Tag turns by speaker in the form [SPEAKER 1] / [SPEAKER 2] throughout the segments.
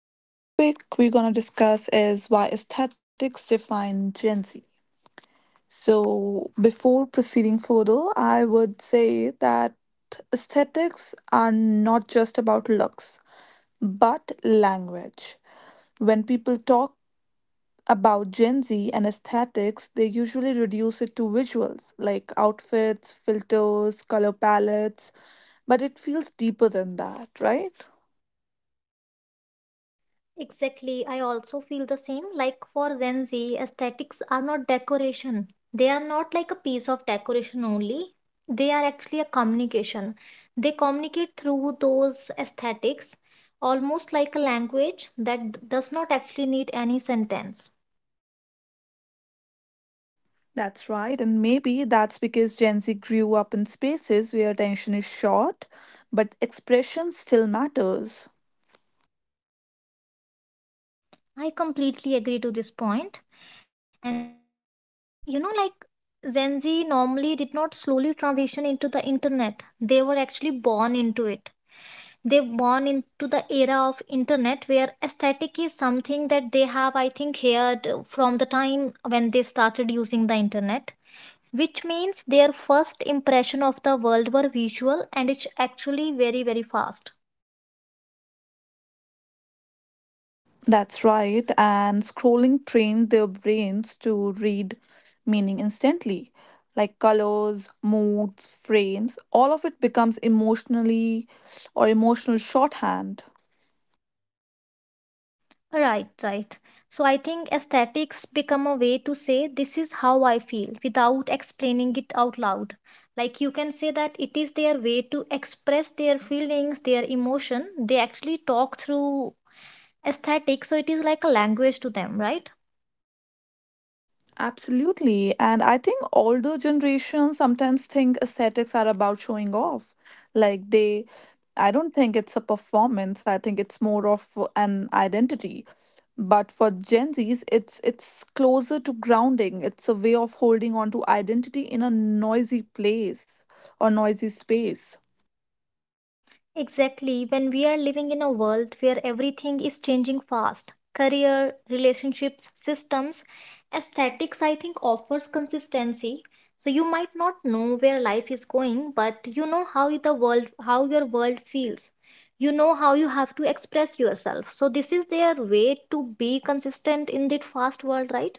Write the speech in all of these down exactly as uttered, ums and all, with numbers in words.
[SPEAKER 1] So the topic we're gonna discuss is why aesthetics define Gen Z. So before proceeding further, I would say that aesthetics are not just about looks, but language. When people talk about Gen Z and aesthetics, they usually reduce it to visuals like outfits, filters, color palettes, but it feels deeper than that, right?
[SPEAKER 2] Exactly. I also feel the same. Like for Gen Z, aesthetics are not decoration. They are not like a piece of decoration only. They are actually a communication. They communicate through those aesthetics, almost like a language that d- does not actually need any sentence.
[SPEAKER 1] That's right, and maybe that's because Gen Z grew up in spaces where attention is short, but expression still matters.
[SPEAKER 2] I completely agree to this point. And uh, you know, like Gen Z normally did not slowly transition into the internet. They were actually born into it. They born into the era of internet where aesthetic is something that they have, I think, heard from the time when they started using the internet, which means their first impression of the world were visual, and it's actually very very fast.
[SPEAKER 1] That's right, and scrolling trained their brains to read meaning instantly. Like colors, moods, frames, all of it becomes emotionally or emotional shorthand.
[SPEAKER 2] Right, right. So I think aesthetics become a way to say this is how I feel without explaining it out loud, like you can say that it is their way to express their feelings, their emotion. They actually talk through aesthetic, so it is like a language to them, right?
[SPEAKER 1] Absolutely. And I think older generations sometimes think aesthetics are about showing off. Like they, I don't think it's a performance. I think it's more of an identity. But for Gen Zs, it's it's closer to grounding. It's a way of holding on to identity in a noisy place or noisy space.
[SPEAKER 2] Exactly. When we are living in a world where everything is changing fast, career, relationships, systems, aesthetics, I think, offers consistency. So you might not know where life is going, but you know how the world, how your world feels. You know how you have to express yourself. So this is their way to be consistent in that fast world, right?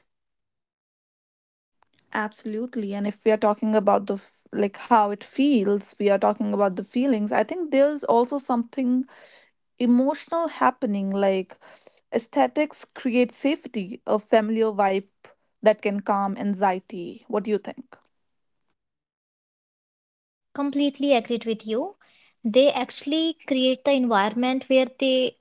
[SPEAKER 1] Absolutely. And if we are talking about the f- like how it feels, we are talking about the feelings. I think there's also something emotional happening like aesthetics create safety, a familiar vibe that can calm anxiety. What do you think?
[SPEAKER 2] Completely agreed with you. They actually create the environment where they,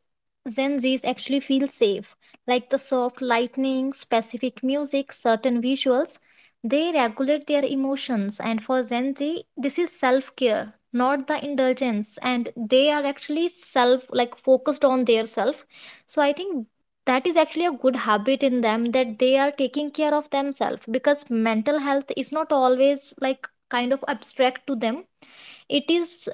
[SPEAKER 2] Gen Zs, actually feel safe, like the soft lightning, specific music, certain visuals. They regulate their emotions, and for Gen Z, this is self care, not the indulgence, and they are actually self like focused on their self. So I think that is actually a good habit in them that they are taking care of themselves, because mental health is not always like kind of abstract to them. It is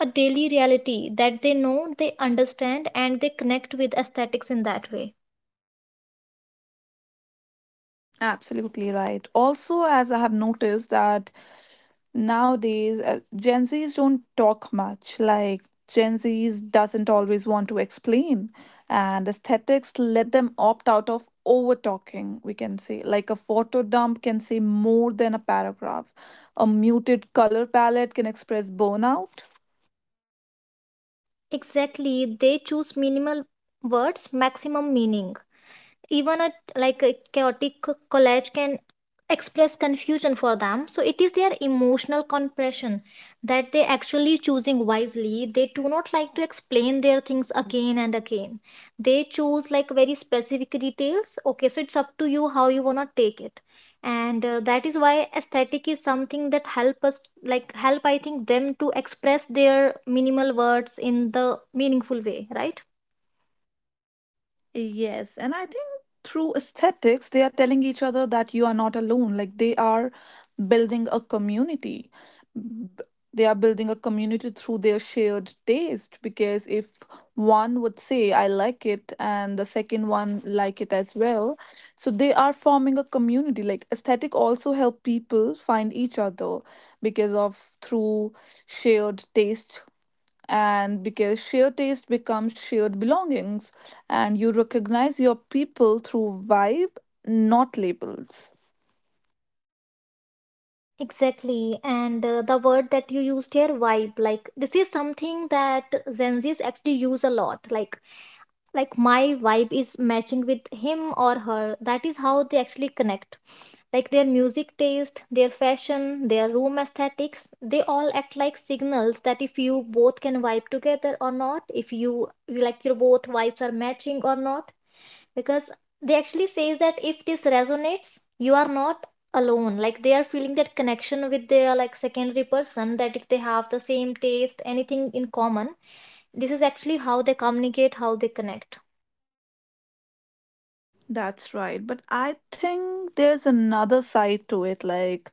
[SPEAKER 2] a daily reality that they know, they understand, and they connect with aesthetics in that way.
[SPEAKER 1] Absolutely right. Also, as I have noticed that nowadays uh, Gen Zs don't talk much. Like Gen Zs doesn't always want to explain, and aesthetics let them opt out of over talking. We can say like a photo dump can say more than a paragraph. A muted color palette can express burnout.
[SPEAKER 2] Exactly, they choose minimal words, maximum meaning. Even a like a chaotic co- collage can express confusion for them, so it is their emotional compression that they actually choosing wisely. They do not like to explain their things again and again. They choose like very specific details, okay, so it's up to you how you wanna take it. And uh, that is why aesthetic is something that help us, like help, I think, them to express their minimal words in the meaningful way, right?
[SPEAKER 1] Yes, and I think through aesthetics, they are telling each other that you are not alone. Like they are building a community. B- They are building a community through their shared taste because if one would say, I like it, and the second one like it as well, so they are forming a community. Like aesthetic also help people find each other because of through shared taste and because shared taste becomes shared belongings and you recognize your people through vibe not labels.
[SPEAKER 2] Exactly. And uh, the word that you used here, vibe, like this is something that Gen Zs actually use a lot. Like, like my vibe is matching with him or her. That is how they actually connect. Like their music taste, their fashion, their room aesthetics, they all act like signals that if you both can vibe together or not, if you like your both vibes are matching or not, because they actually says that if this resonates you are not alone, like they are feeling that connection with their like secondary person that if they have the same taste anything in common. This is actually how they communicate, how they connect.
[SPEAKER 1] That's right, but I think there's another side to it, like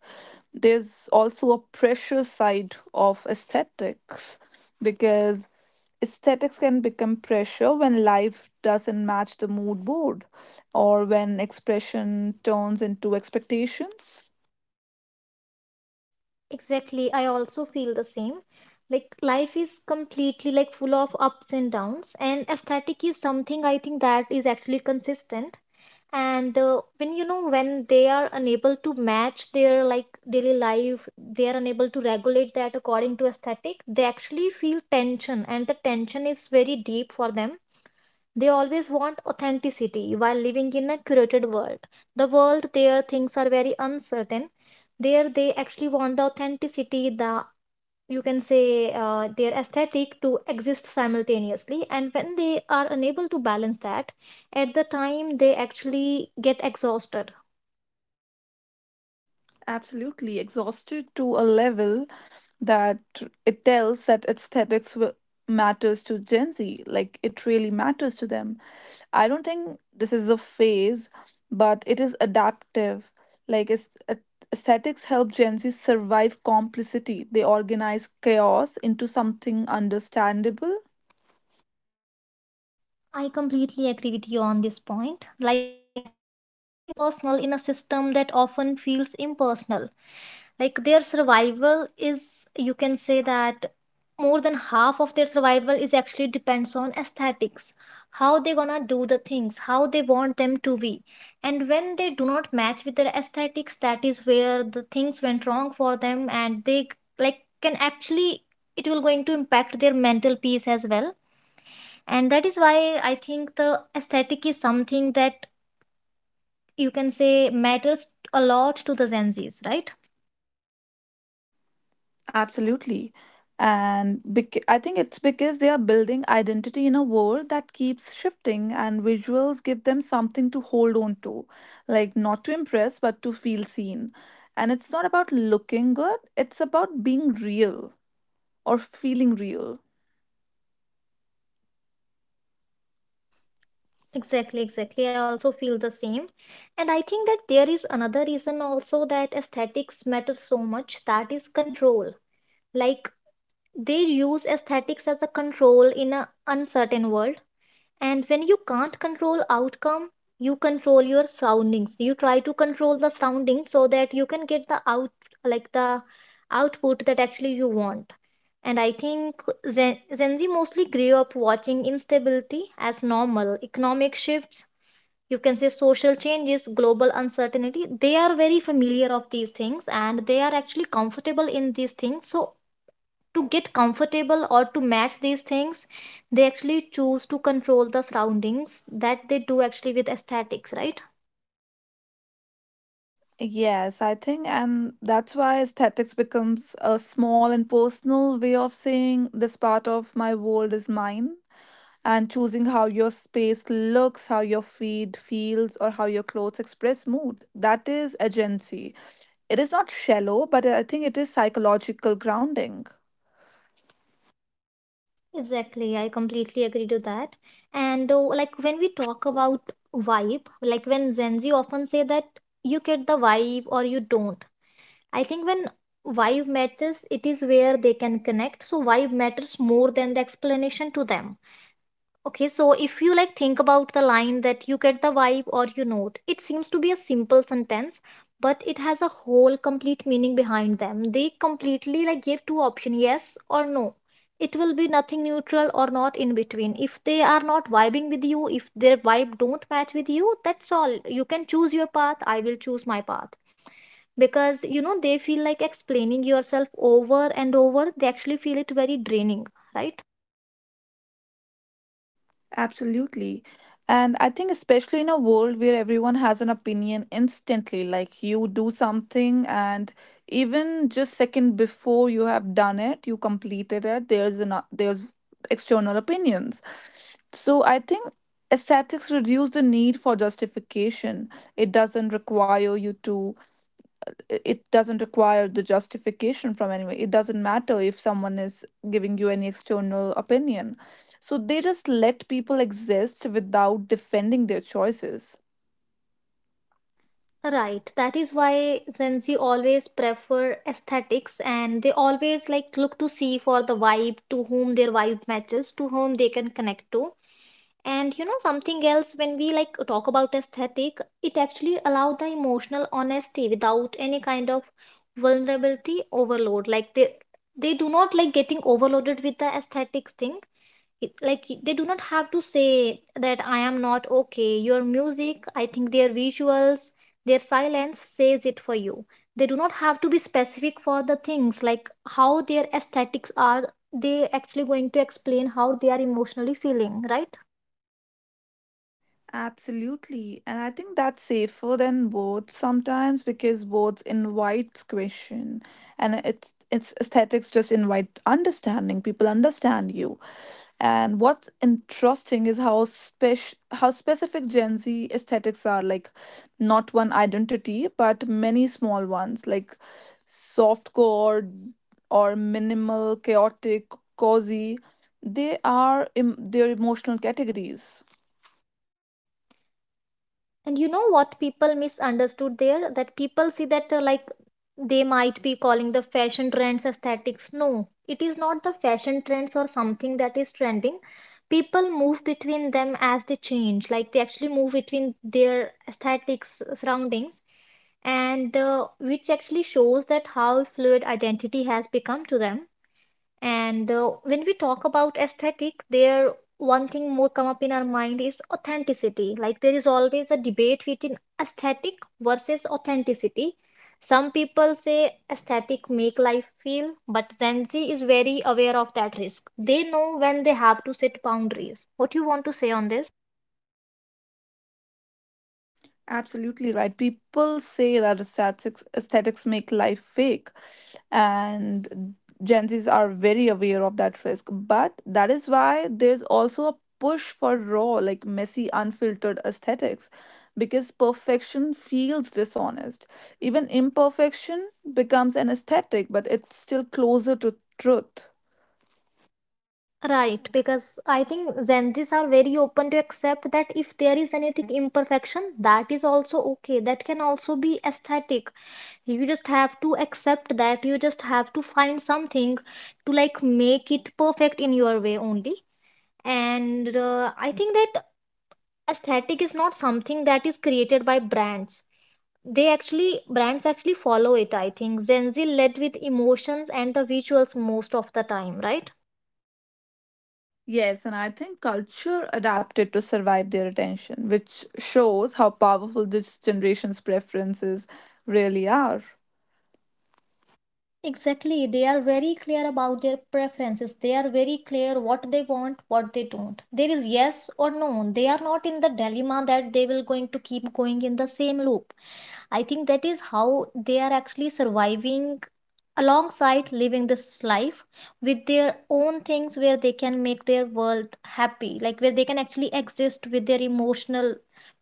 [SPEAKER 1] there's also a pressure side of aesthetics because aesthetics can become pressure when life doesn't match the mood board or when expression turns into expectations.
[SPEAKER 2] Exactly, I also feel the same. Like life is completely like full of ups and downs, and aesthetic is something, I think, that is actually consistent. And uh, when you know when they are unable to match their like daily life, they are unable to regulate that according to aesthetic. They actually feel tension, and the tension is very deep for them. They always want authenticity while living in a curated world. The world, there things are very uncertain. There they actually want the authenticity, the, you can say, uh, their aesthetic to exist simultaneously, and when they are unable to balance that, at the time they actually get exhausted.
[SPEAKER 1] Absolutely exhausted to a level that it tells that aesthetics wi- matters to Gen Z. Like it really matters to them. I don't think this is a phase, but it is adaptive. Like it's, a- aesthetics help Gen Z survive complicity. They organize chaos into something understandable.
[SPEAKER 2] I completely agree with you on this point. Like, they make life feel personal in a system that often feels impersonal. Like, their survival is, you can say that more than half of their survival is actually depends on aesthetics. How they gonna do the things, how they want them to be. And when they do not match with their aesthetics, that is where the things went wrong for them, and they like can actually, it will going to impact their mental peace as well. And that is why I think the aesthetic is something that, you can say, matters a lot to the Gen Z's, right?
[SPEAKER 1] Absolutely. And bec- I think it's because they are building identity in a world that keeps shifting, and visuals give them something to hold on to, like not to impress, but to feel seen. And it's not about looking good, it's about being real or feeling real.
[SPEAKER 2] Exactly, exactly, I also feel the same. And I think that there is another reason also that aesthetics matter so much, that is control. Like, they use aesthetics as a control in an uncertain world. And when you can't control outcome, you control your surroundings. You try to control the surroundings so that you can get the out, like the output that actually you want. And I think Zen, Gen Z mostly grew up watching instability as normal. Economic shifts, you can say social changes, global uncertainty, they are very familiar of these things, and they are actually comfortable in these things. So to get comfortable or to match these things, they actually choose to control the surroundings that they do actually with aesthetics, right?
[SPEAKER 1] Yes, I think, and that's why aesthetics becomes a small and personal way of saying this part of my world is mine and choosing how your space looks, how your feed feels, or how your clothes express mood. That is agency. It is not shallow, but I think it is psychological grounding.
[SPEAKER 2] Exactly, I completely agree to that. And uh, like when we talk about vibe, like when Gen Z often say that you get the vibe or you don't. I think when vibe matches, it is where they can connect. So vibe matters more than the explanation to them. Okay, so if you like think about the line that you get the vibe or you note, it seems to be a simple sentence, but it has a whole complete meaning behind them. They completely like give two options, yes or no. It will be nothing neutral or not in between. If they are not vibing with you, if their vibe don't match with you, that's all. You can choose your path, I will choose my path. Because you know they feel like explaining yourself over and over, they actually feel it very draining, right?
[SPEAKER 1] Absolutely. And I think, especially in a world where everyone has an opinion instantly, like you do something, and even just second before you have done it, you completed it, there's an, there's external opinions. So I think aesthetics reduce the need for justification. It doesn't require you to i- it doesn't require the justification from anyone. It doesn't matter if someone is giving you any external opinion. So they just let people exist without defending their choices.
[SPEAKER 2] Right, that is why Gen Z always prefer aesthetics, and they always like look to see for the vibe to whom their vibe matches, to whom they can connect to. And you know, something else when we like talk about aesthetic, it actually allow the emotional honesty without any kind of vulnerability overload. Like they they do not like getting overloaded with the aesthetics thing. It, like they do not have to say that I am not okay. Your music, I think their visuals, their silence says it for you. They do not have to be specific for the things like how their aesthetics are. They actually going to explain how they are emotionally feeling, right?
[SPEAKER 1] Absolutely. And I think that's safer than words sometimes because words invites question and it's it's aesthetics just invite understanding. People understand you. And what's interesting is how spec- how specific Gen Z aesthetics are, like not one identity, but many small ones like softcore or minimal, chaotic, cozy. They are em- their emotional categories.
[SPEAKER 2] And you know what people misunderstood there? That people see that uh, like they might be calling the fashion trends aesthetics. No, it is not the fashion trends or something that is trending. People move between them as they change. Like they actually move between their aesthetics, uh, surroundings, and uh, which actually shows that how fluid identity has become to them. And uh, when we talk about aesthetic, there one thing more come up in our mind is authenticity. Like there is always a debate between aesthetic versus authenticity. Some people say aesthetic make life feel, but Gen Z is very aware of that risk. They know when they have to set boundaries. What you want to say on this?
[SPEAKER 1] Absolutely right. People say that aesthetics aesthetics make life fake, and Gen Zs are very aware of that risk. But that is why there's also a push for raw, like messy, unfiltered aesthetics, because perfection feels dishonest. Even imperfection becomes an aesthetic, but it's still closer to truth.
[SPEAKER 2] Right, because I think Gen Zs are very open to accept that if there is anything imperfection, that is also okay. That can also be aesthetic. You just have to accept that you just have to find something to like make it perfect in your way only. And uh, I think that aesthetic is not something that is created by brands. They actually, brands actually follow it. I think Gen Z led with emotions and the visuals most of the time, right?
[SPEAKER 1] Yes, and I think culture adapted to survive their attention, which shows how powerful this generation's preferences really are.
[SPEAKER 2] Exactly, they are very clear about their preferences. They are very clear what they want, what they don't. There is yes or no. They are not in the dilemma that they will going to keep going in the same loop. I think that is how they are actually surviving alongside living this life with their own things where they can make their world happy, like where they can actually exist with their emotional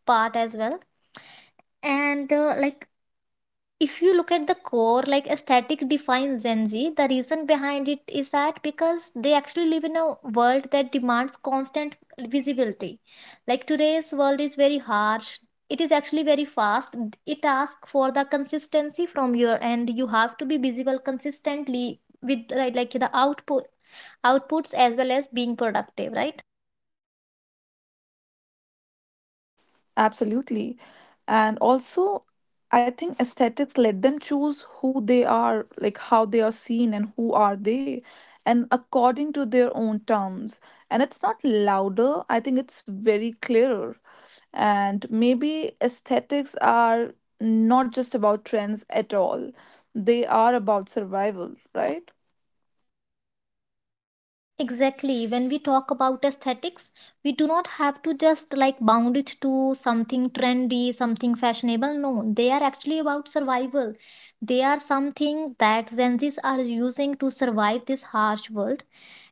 [SPEAKER 2] part as well. And uh, like if you look at the core, like aesthetic defines Gen Z, the reason behind it is that because they actually live in a world that demands constant visibility. Like today's world is very harsh. It is actually very fast. It asks for the consistency from your end. You have to be visible consistently with like, like the output outputs as well as being productive, right?
[SPEAKER 1] Absolutely. And also, I think aesthetics let them choose who they are, like how they are seen and who are they, and according to their own terms. And it's not louder, I think it's very clearer. And maybe aesthetics are not just about trends at all, they are about survival, right?
[SPEAKER 2] Exactly. When we talk about aesthetics, we do not have to just like bound it to something trendy, something fashionable. No, they are actually about survival. They are something that Gen Zs are using to survive this harsh world,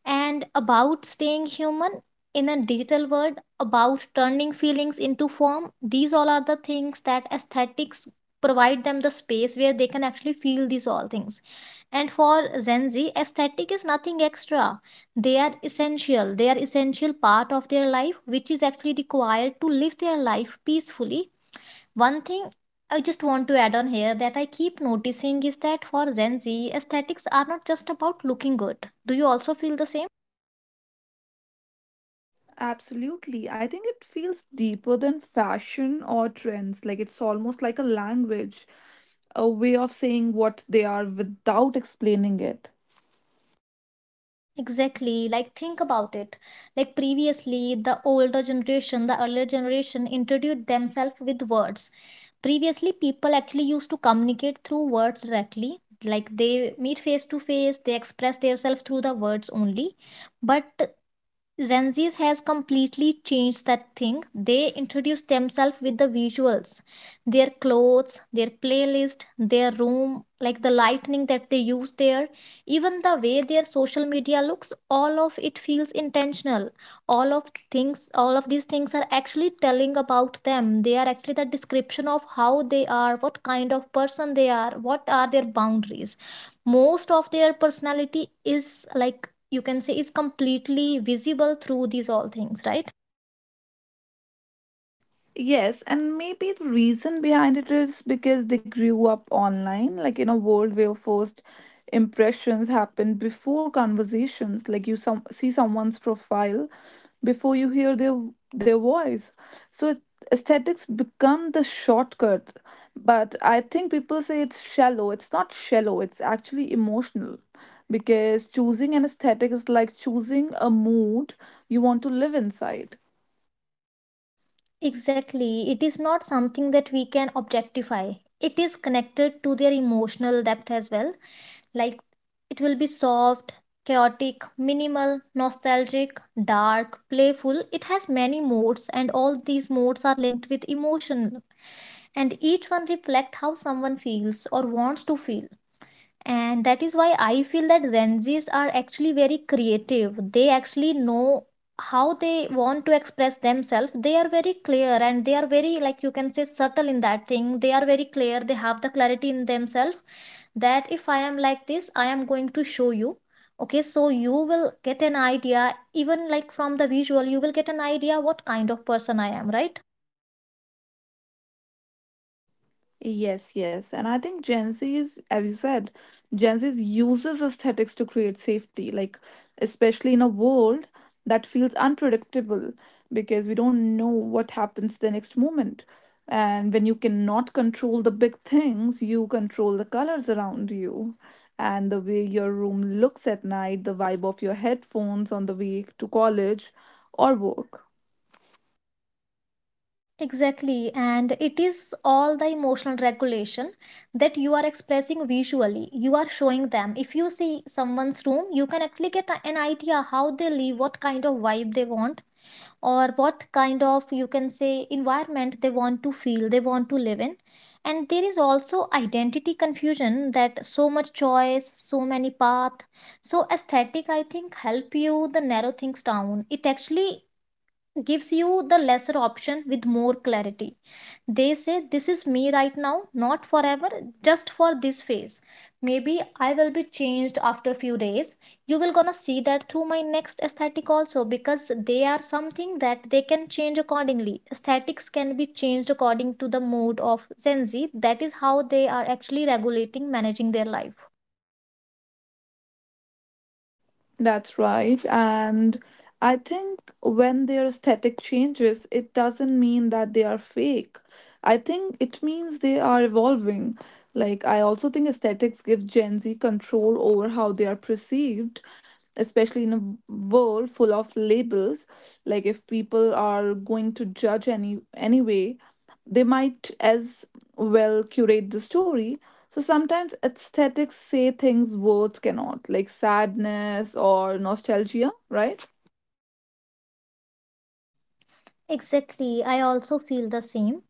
[SPEAKER 2] and about staying human in a digital world, about turning feelings into form. These all are the things that aesthetics provide them the space where they can actually feel these all things. And for Gen Z, aesthetic is nothing extra, they are essential, they are essential part of their life which is actually required to live their life peacefully. One thing, I just want to add on here that I keep noticing is that for Gen Z aesthetics are not just about looking good. Do you also feel the same?
[SPEAKER 1] Absolutely. I think it feels deeper than fashion or trends. Like it's almost like a language, a way of saying what they are without explaining it.
[SPEAKER 2] Exactly. Like, think about it. Like, previously, the older generation, the earlier generation introduced themselves with words. Previously, people actually used to communicate through words directly. Like, they meet face to face, they express themselves through the words only. But Gen Z has completely changed that thing. They introduce themselves with the visuals, their clothes, their playlist, their room, like the lighting that they use there, even the way their social media looks. All of it feels intentional. All of things, all of these things are actually telling about them. They are actually the description of how they are, what kind of person they are, what are their boundaries. Most of their personality is like, you can say, is completely visible through these all things, right?
[SPEAKER 1] Yes, and maybe the reason behind it is because they grew up online, like in a world where first impressions happen before conversations. Like you some see someone's profile before you hear their their voice. So it, aesthetics become the shortcut. But I think people say it's shallow. It's not shallow. It's actually emotional, because choosing an aesthetic is like choosing a mood you want to live inside.
[SPEAKER 2] Exactly, it is not something that we can objectify. It is connected to their emotional depth as well. Like, it will be soft, chaotic, minimal, nostalgic, dark, playful. It has many modes and all these modes are linked with emotion, and each one reflect how someone feels or wants to feel. And that is why I feel that Gen Z's are actually very creative. They actually know how they want to express themselves. They are very clear and they are very, like you can say, subtle in that thing. They are very clear, they have the clarity in themselves that if I am like this, I am going to show you. Okay, so you will get an idea, even like from the visual you will get an idea what kind of person I am, right?
[SPEAKER 1] Yes, yes. And I think Gen Z is, as you said, Gen Z uses aesthetics to create safety, like especially in a world that feels unpredictable because we don't know what happens the next moment. And when you cannot control the big things, you control the colors around you and the way your room looks at night, the vibe of your headphones on the way to college or work.
[SPEAKER 2] Exactly, and it is all the emotional regulation that you are expressing visually. You are showing them. If you see someone's room, you can actually get a- an idea how they live, what kind of vibe they want, or what kind of, you can say, environment they want to feel, they want to live in. And there is also identity confusion, that so much choice, so many path. So aesthetic, I think, help you the narrow things down. It actually gives you the lesser option with more clarity. They say, "This is me right now, not forever, just for this phase. Maybe I will be changed after few days. You will gonna see that through my next aesthetic also," because they are something that they can change accordingly. Aesthetics can be changed according to the mood of Gen Z. That is how they are actually regulating, managing their life.
[SPEAKER 1] That's right. And I think when their aesthetic changes, it doesn't mean that they are fake. I think it means they are evolving. Like, I also think aesthetics give Gen Z control over how they are perceived, especially in a w- world full of labels. Like, if people are going to judge any anyway, they might as well curate the story. So sometimes aesthetics say things words cannot, like sadness or nostalgia, right?
[SPEAKER 2] Exactly. I also feel the same.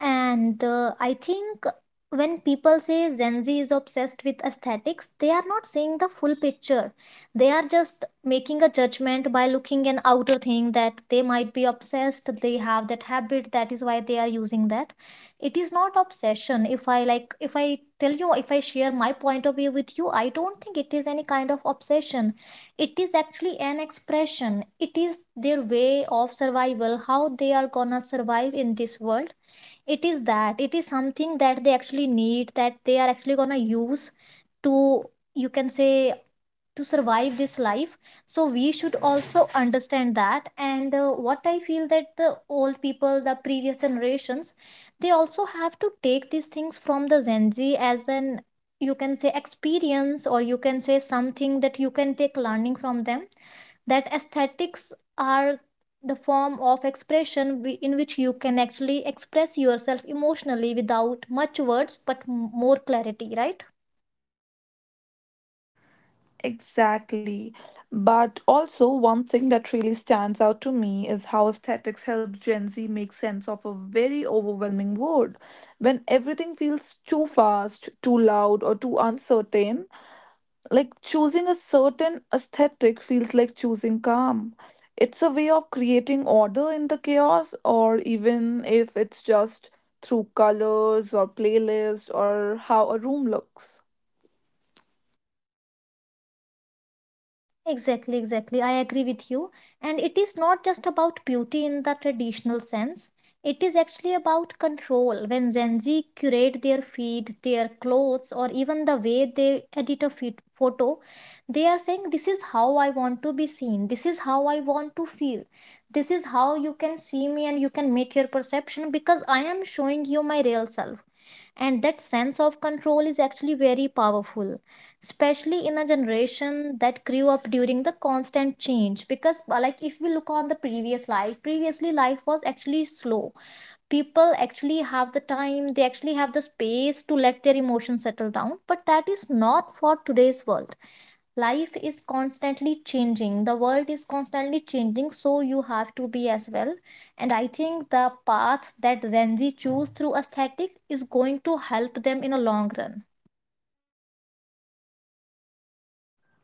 [SPEAKER 2] And uh, I think when people say Gen Z is obsessed with aesthetics, they are not seeing the full picture. They are just making a judgment by looking an outer thing, that they might be obsessed, they have that habit, that is why they are using that. It is not obsession. If I, like, if I tell you, if I share my point of view with you, I don't think it is any kind of obsession. It is actually an expression. It is their way of survival, how they are gonna survive in this world, it is that. It is something that they actually need, that they are actually gonna use to, you can say, to survive this life. So we should also understand that, and uh, what I feel that the old people, the previous generations, they also have to take these things from the Gen Z as an, you can say, experience, or you can say something that you can take learning from them, that aesthetics are the form of expression wi- in which you can actually express yourself emotionally without much words but m- more clarity, right?
[SPEAKER 1] Exactly. But also, one thing that really stands out to me is how aesthetics helps Gen Z make sense of a very overwhelming world. When everything feels too fast, too loud, or too uncertain, like choosing a certain aesthetic feels like choosing calm. It's a way of creating order in the chaos, or even if it's just through colors or playlist or how a room looks.
[SPEAKER 2] Exactly, exactly. I agree with you. And it is not just about beauty in the traditional sense. It is actually about control. When Gen Z curate their feed, their clothes, or even the way they edit a fit- photo, they are saying, "This is how I want to be seen. This is how I want to feel. This is how you can see me and you can make your perception because I am showing you my real self." And that sense of control is actually very powerful, especially in a generation that grew up during the constant change. Because uh, like if we look on the previous life, previously life was actually slow. People actually have the time, they actually have the space to let their emotions settle down, but that is not for today's world. Life is constantly changing, the world is constantly changing, so you have to be as well. And I think the path that Gen Z choose through aesthetic is going to help them in a long run.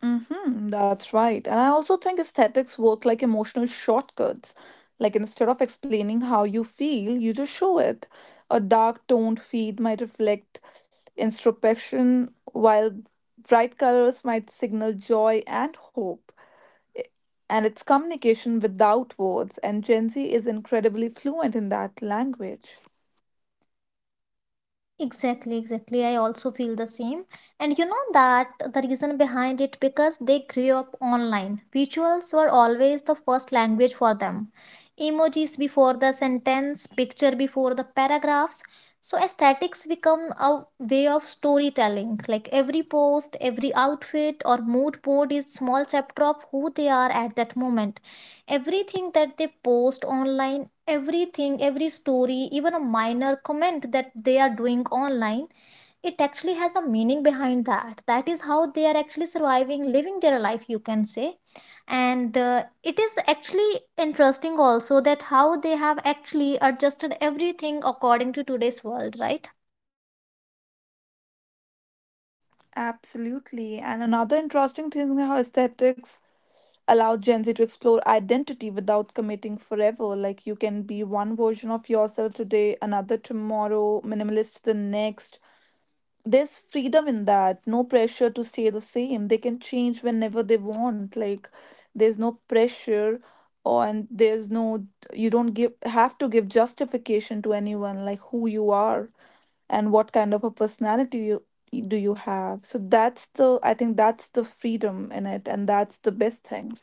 [SPEAKER 1] Mm-hmm, that's right. And I also think aesthetics work like emotional shortcuts. Like instead of explaining how you feel, you just show it. A dark toned feed might reflect introspection, while bright colors might signal joy and hope. And it's communication without words, and Gen Z is incredibly fluent in that language.
[SPEAKER 2] Exactly, exactly. I also feel the same. And you know that the reason behind it because they grew up online. Visuals were always the first language for them. Emojis before the sentence, picture before the paragraphs. So aesthetics become a way of storytelling. Like every post, every outfit or mood board is small chapter of who they are at that moment. Everything that they post online, everything, every story, even a minor comment that they are doing online, it actually has a meaning behind that. That is how they are actually surviving, living their life, you can say. And uh, it is actually interesting also, that how they have actually adjusted everything according to today's world, right?
[SPEAKER 1] Absolutely. And another interesting thing how aesthetics allow Gen Z to explore identity without committing forever. Like you can be one version of yourself today, another tomorrow, minimalist the next, there's freedom in that, no pressure to stay the same, they can change whenever they want. Like there's no pressure or and there's no, you don't give have to give justification to anyone like who you are and what kind of a personality you do you have. So that's the, I think that's the freedom in it, and that's the best thing.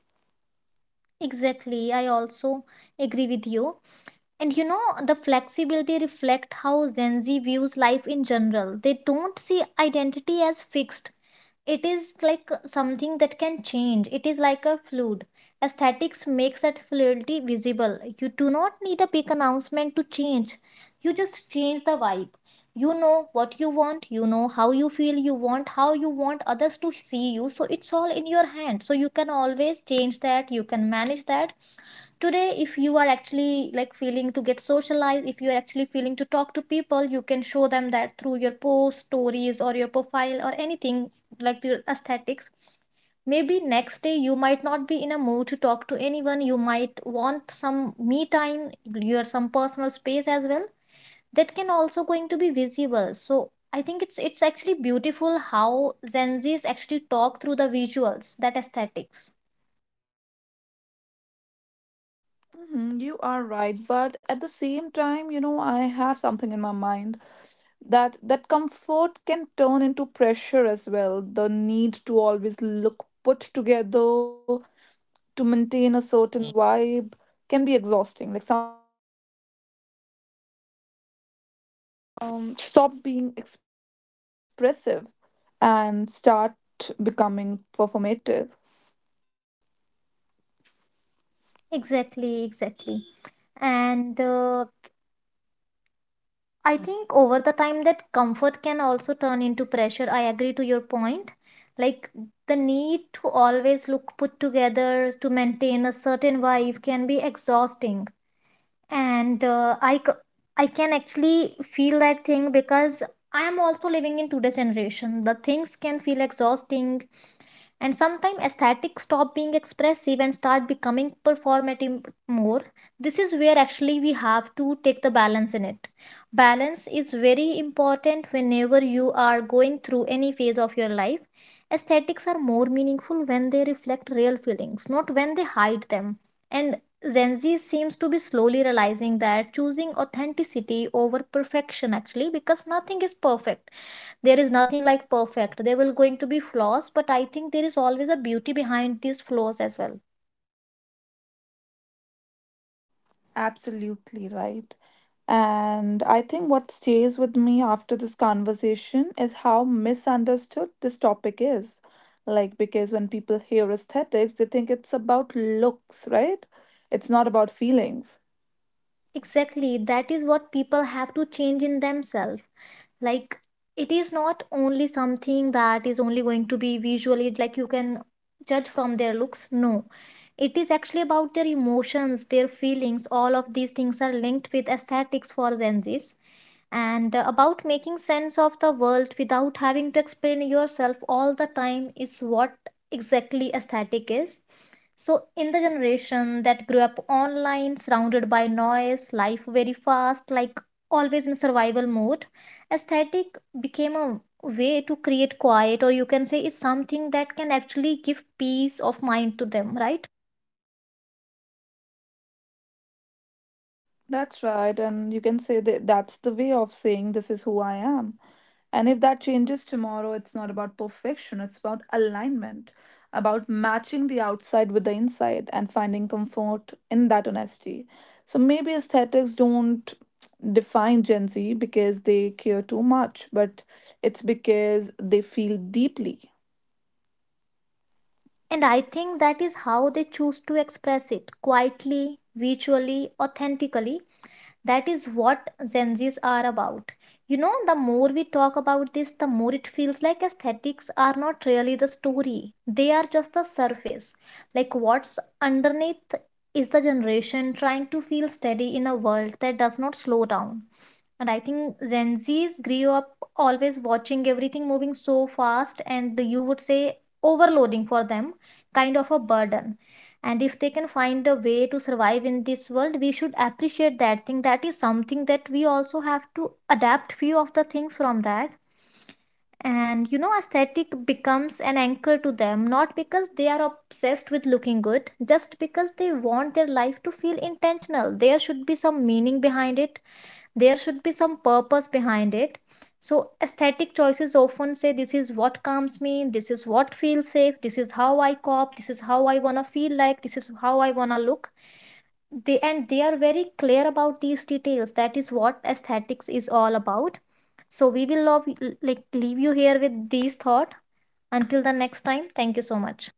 [SPEAKER 2] Exactly, I also agree with you. And you know, the flexibility reflect how Gen Z views life in general. They don't see identity as fixed. It is like something that can change. It is like a fluid. Aesthetics makes that fluidity visible. You do not need a big announcement to change. You just change the vibe. You know what you want, you know how you feel you want, how you want others to see you. So it's all in your hand. So you can always change that, you can manage that. Today if you are actually like feeling to get socialized, if you are actually feeling to talk to people, you can show them that through your post, stories, or your profile, or anything, like your aesthetics. Maybe next day you might not be in a mood to talk to anyone, you might want some me time, your some personal space as well. That can also going to be visible. So I think it's it's actually beautiful how Gen Z's actually talk through the visuals, that aesthetics.
[SPEAKER 1] Mhm, you are right, but at the same time, you know, I have something in my mind that that comfort can turn into pressure as well, the need to always look put together to maintain a certain vibe can be exhausting, like stop being expressive and start becoming performative.
[SPEAKER 2] Exactly, exactly. And uh, I think over the time that comfort can also turn into pressure. I agree to your point. Like, the need to always look put together to maintain a certain vibe can be exhausting. And uh, I, c- I can actually feel that thing because I am also living in today's generation. The things can feel exhausting, and sometimes aesthetics stop being expressive and start becoming performative more. This is where actually we have to take the balance in it. Balance is very important whenever you are going through any phase of your life. Aesthetics are more meaningful when they reflect real feelings, not when they hide them. And Gen Z seems to be slowly realizing that, choosing authenticity over perfection. Actually, because nothing is perfect, there is nothing like perfect, there will going to be flaws, but I think there is always a beauty behind these flaws as well.
[SPEAKER 1] Absolutely right. And I think what stays with me after this conversation is how misunderstood this topic is. Like, because when people hear aesthetics, they think it's about looks, right? It's not about feelings.
[SPEAKER 2] Exactly, that is what people have to change in themselves. Like, it is not only something that is only going to be visually, like you can judge from their looks, no. It is actually about their emotions, their feelings. All of these things are linked with aesthetics for Gen Z's. And uh, about making sense of the world without having to explain yourself all the time is what exactly aesthetic is. So, in the generation that grew up online, surrounded by noise, life very fast, like always in survival mode, aesthetic became a way to create quiet, or you can say is something that can actually give peace of mind to them, right?
[SPEAKER 1] That's right. And you can say that that's the way of saying this is who I am. And if that changes tomorrow, it's not about perfection, it's about alignment, about matching the outside inside and finding comfort in that honesty. So maybe aesthetics don't define Gen Z because they care too much, but it's because they feel deeply.
[SPEAKER 2] And I think that is how they choose to express it, quietly, visually, authentically. That is what Gen Zs are about. You know, the more we talk about this, the more it feels like aesthetics are not really the story. They are just the surface. Like, what's underneath is the generation trying to feel steady in a world that does not slow down. And I think Gen Zs grew up always watching everything moving so fast, and you would say overloading for them, kind of a burden. And if they can find a way to survive in this world, we should appreciate that thing. That is something that we also have to adapt few of the things from that. And you know, aesthetic becomes an anchor to them, not because they are obsessed with looking good, just because they want their life to feel intentional. There should be some meaning behind it, there should be some purpose behind it. So, aesthetic choices often say, "This is what calms me, this is what feels safe, this is how I cop, this is how I wanna feel like, this is how I wanna look." They, and they are very clear about these details. That is what aesthetics is all about. So, we will love, like, leave you here with these thought. Until the next time, thank you so much.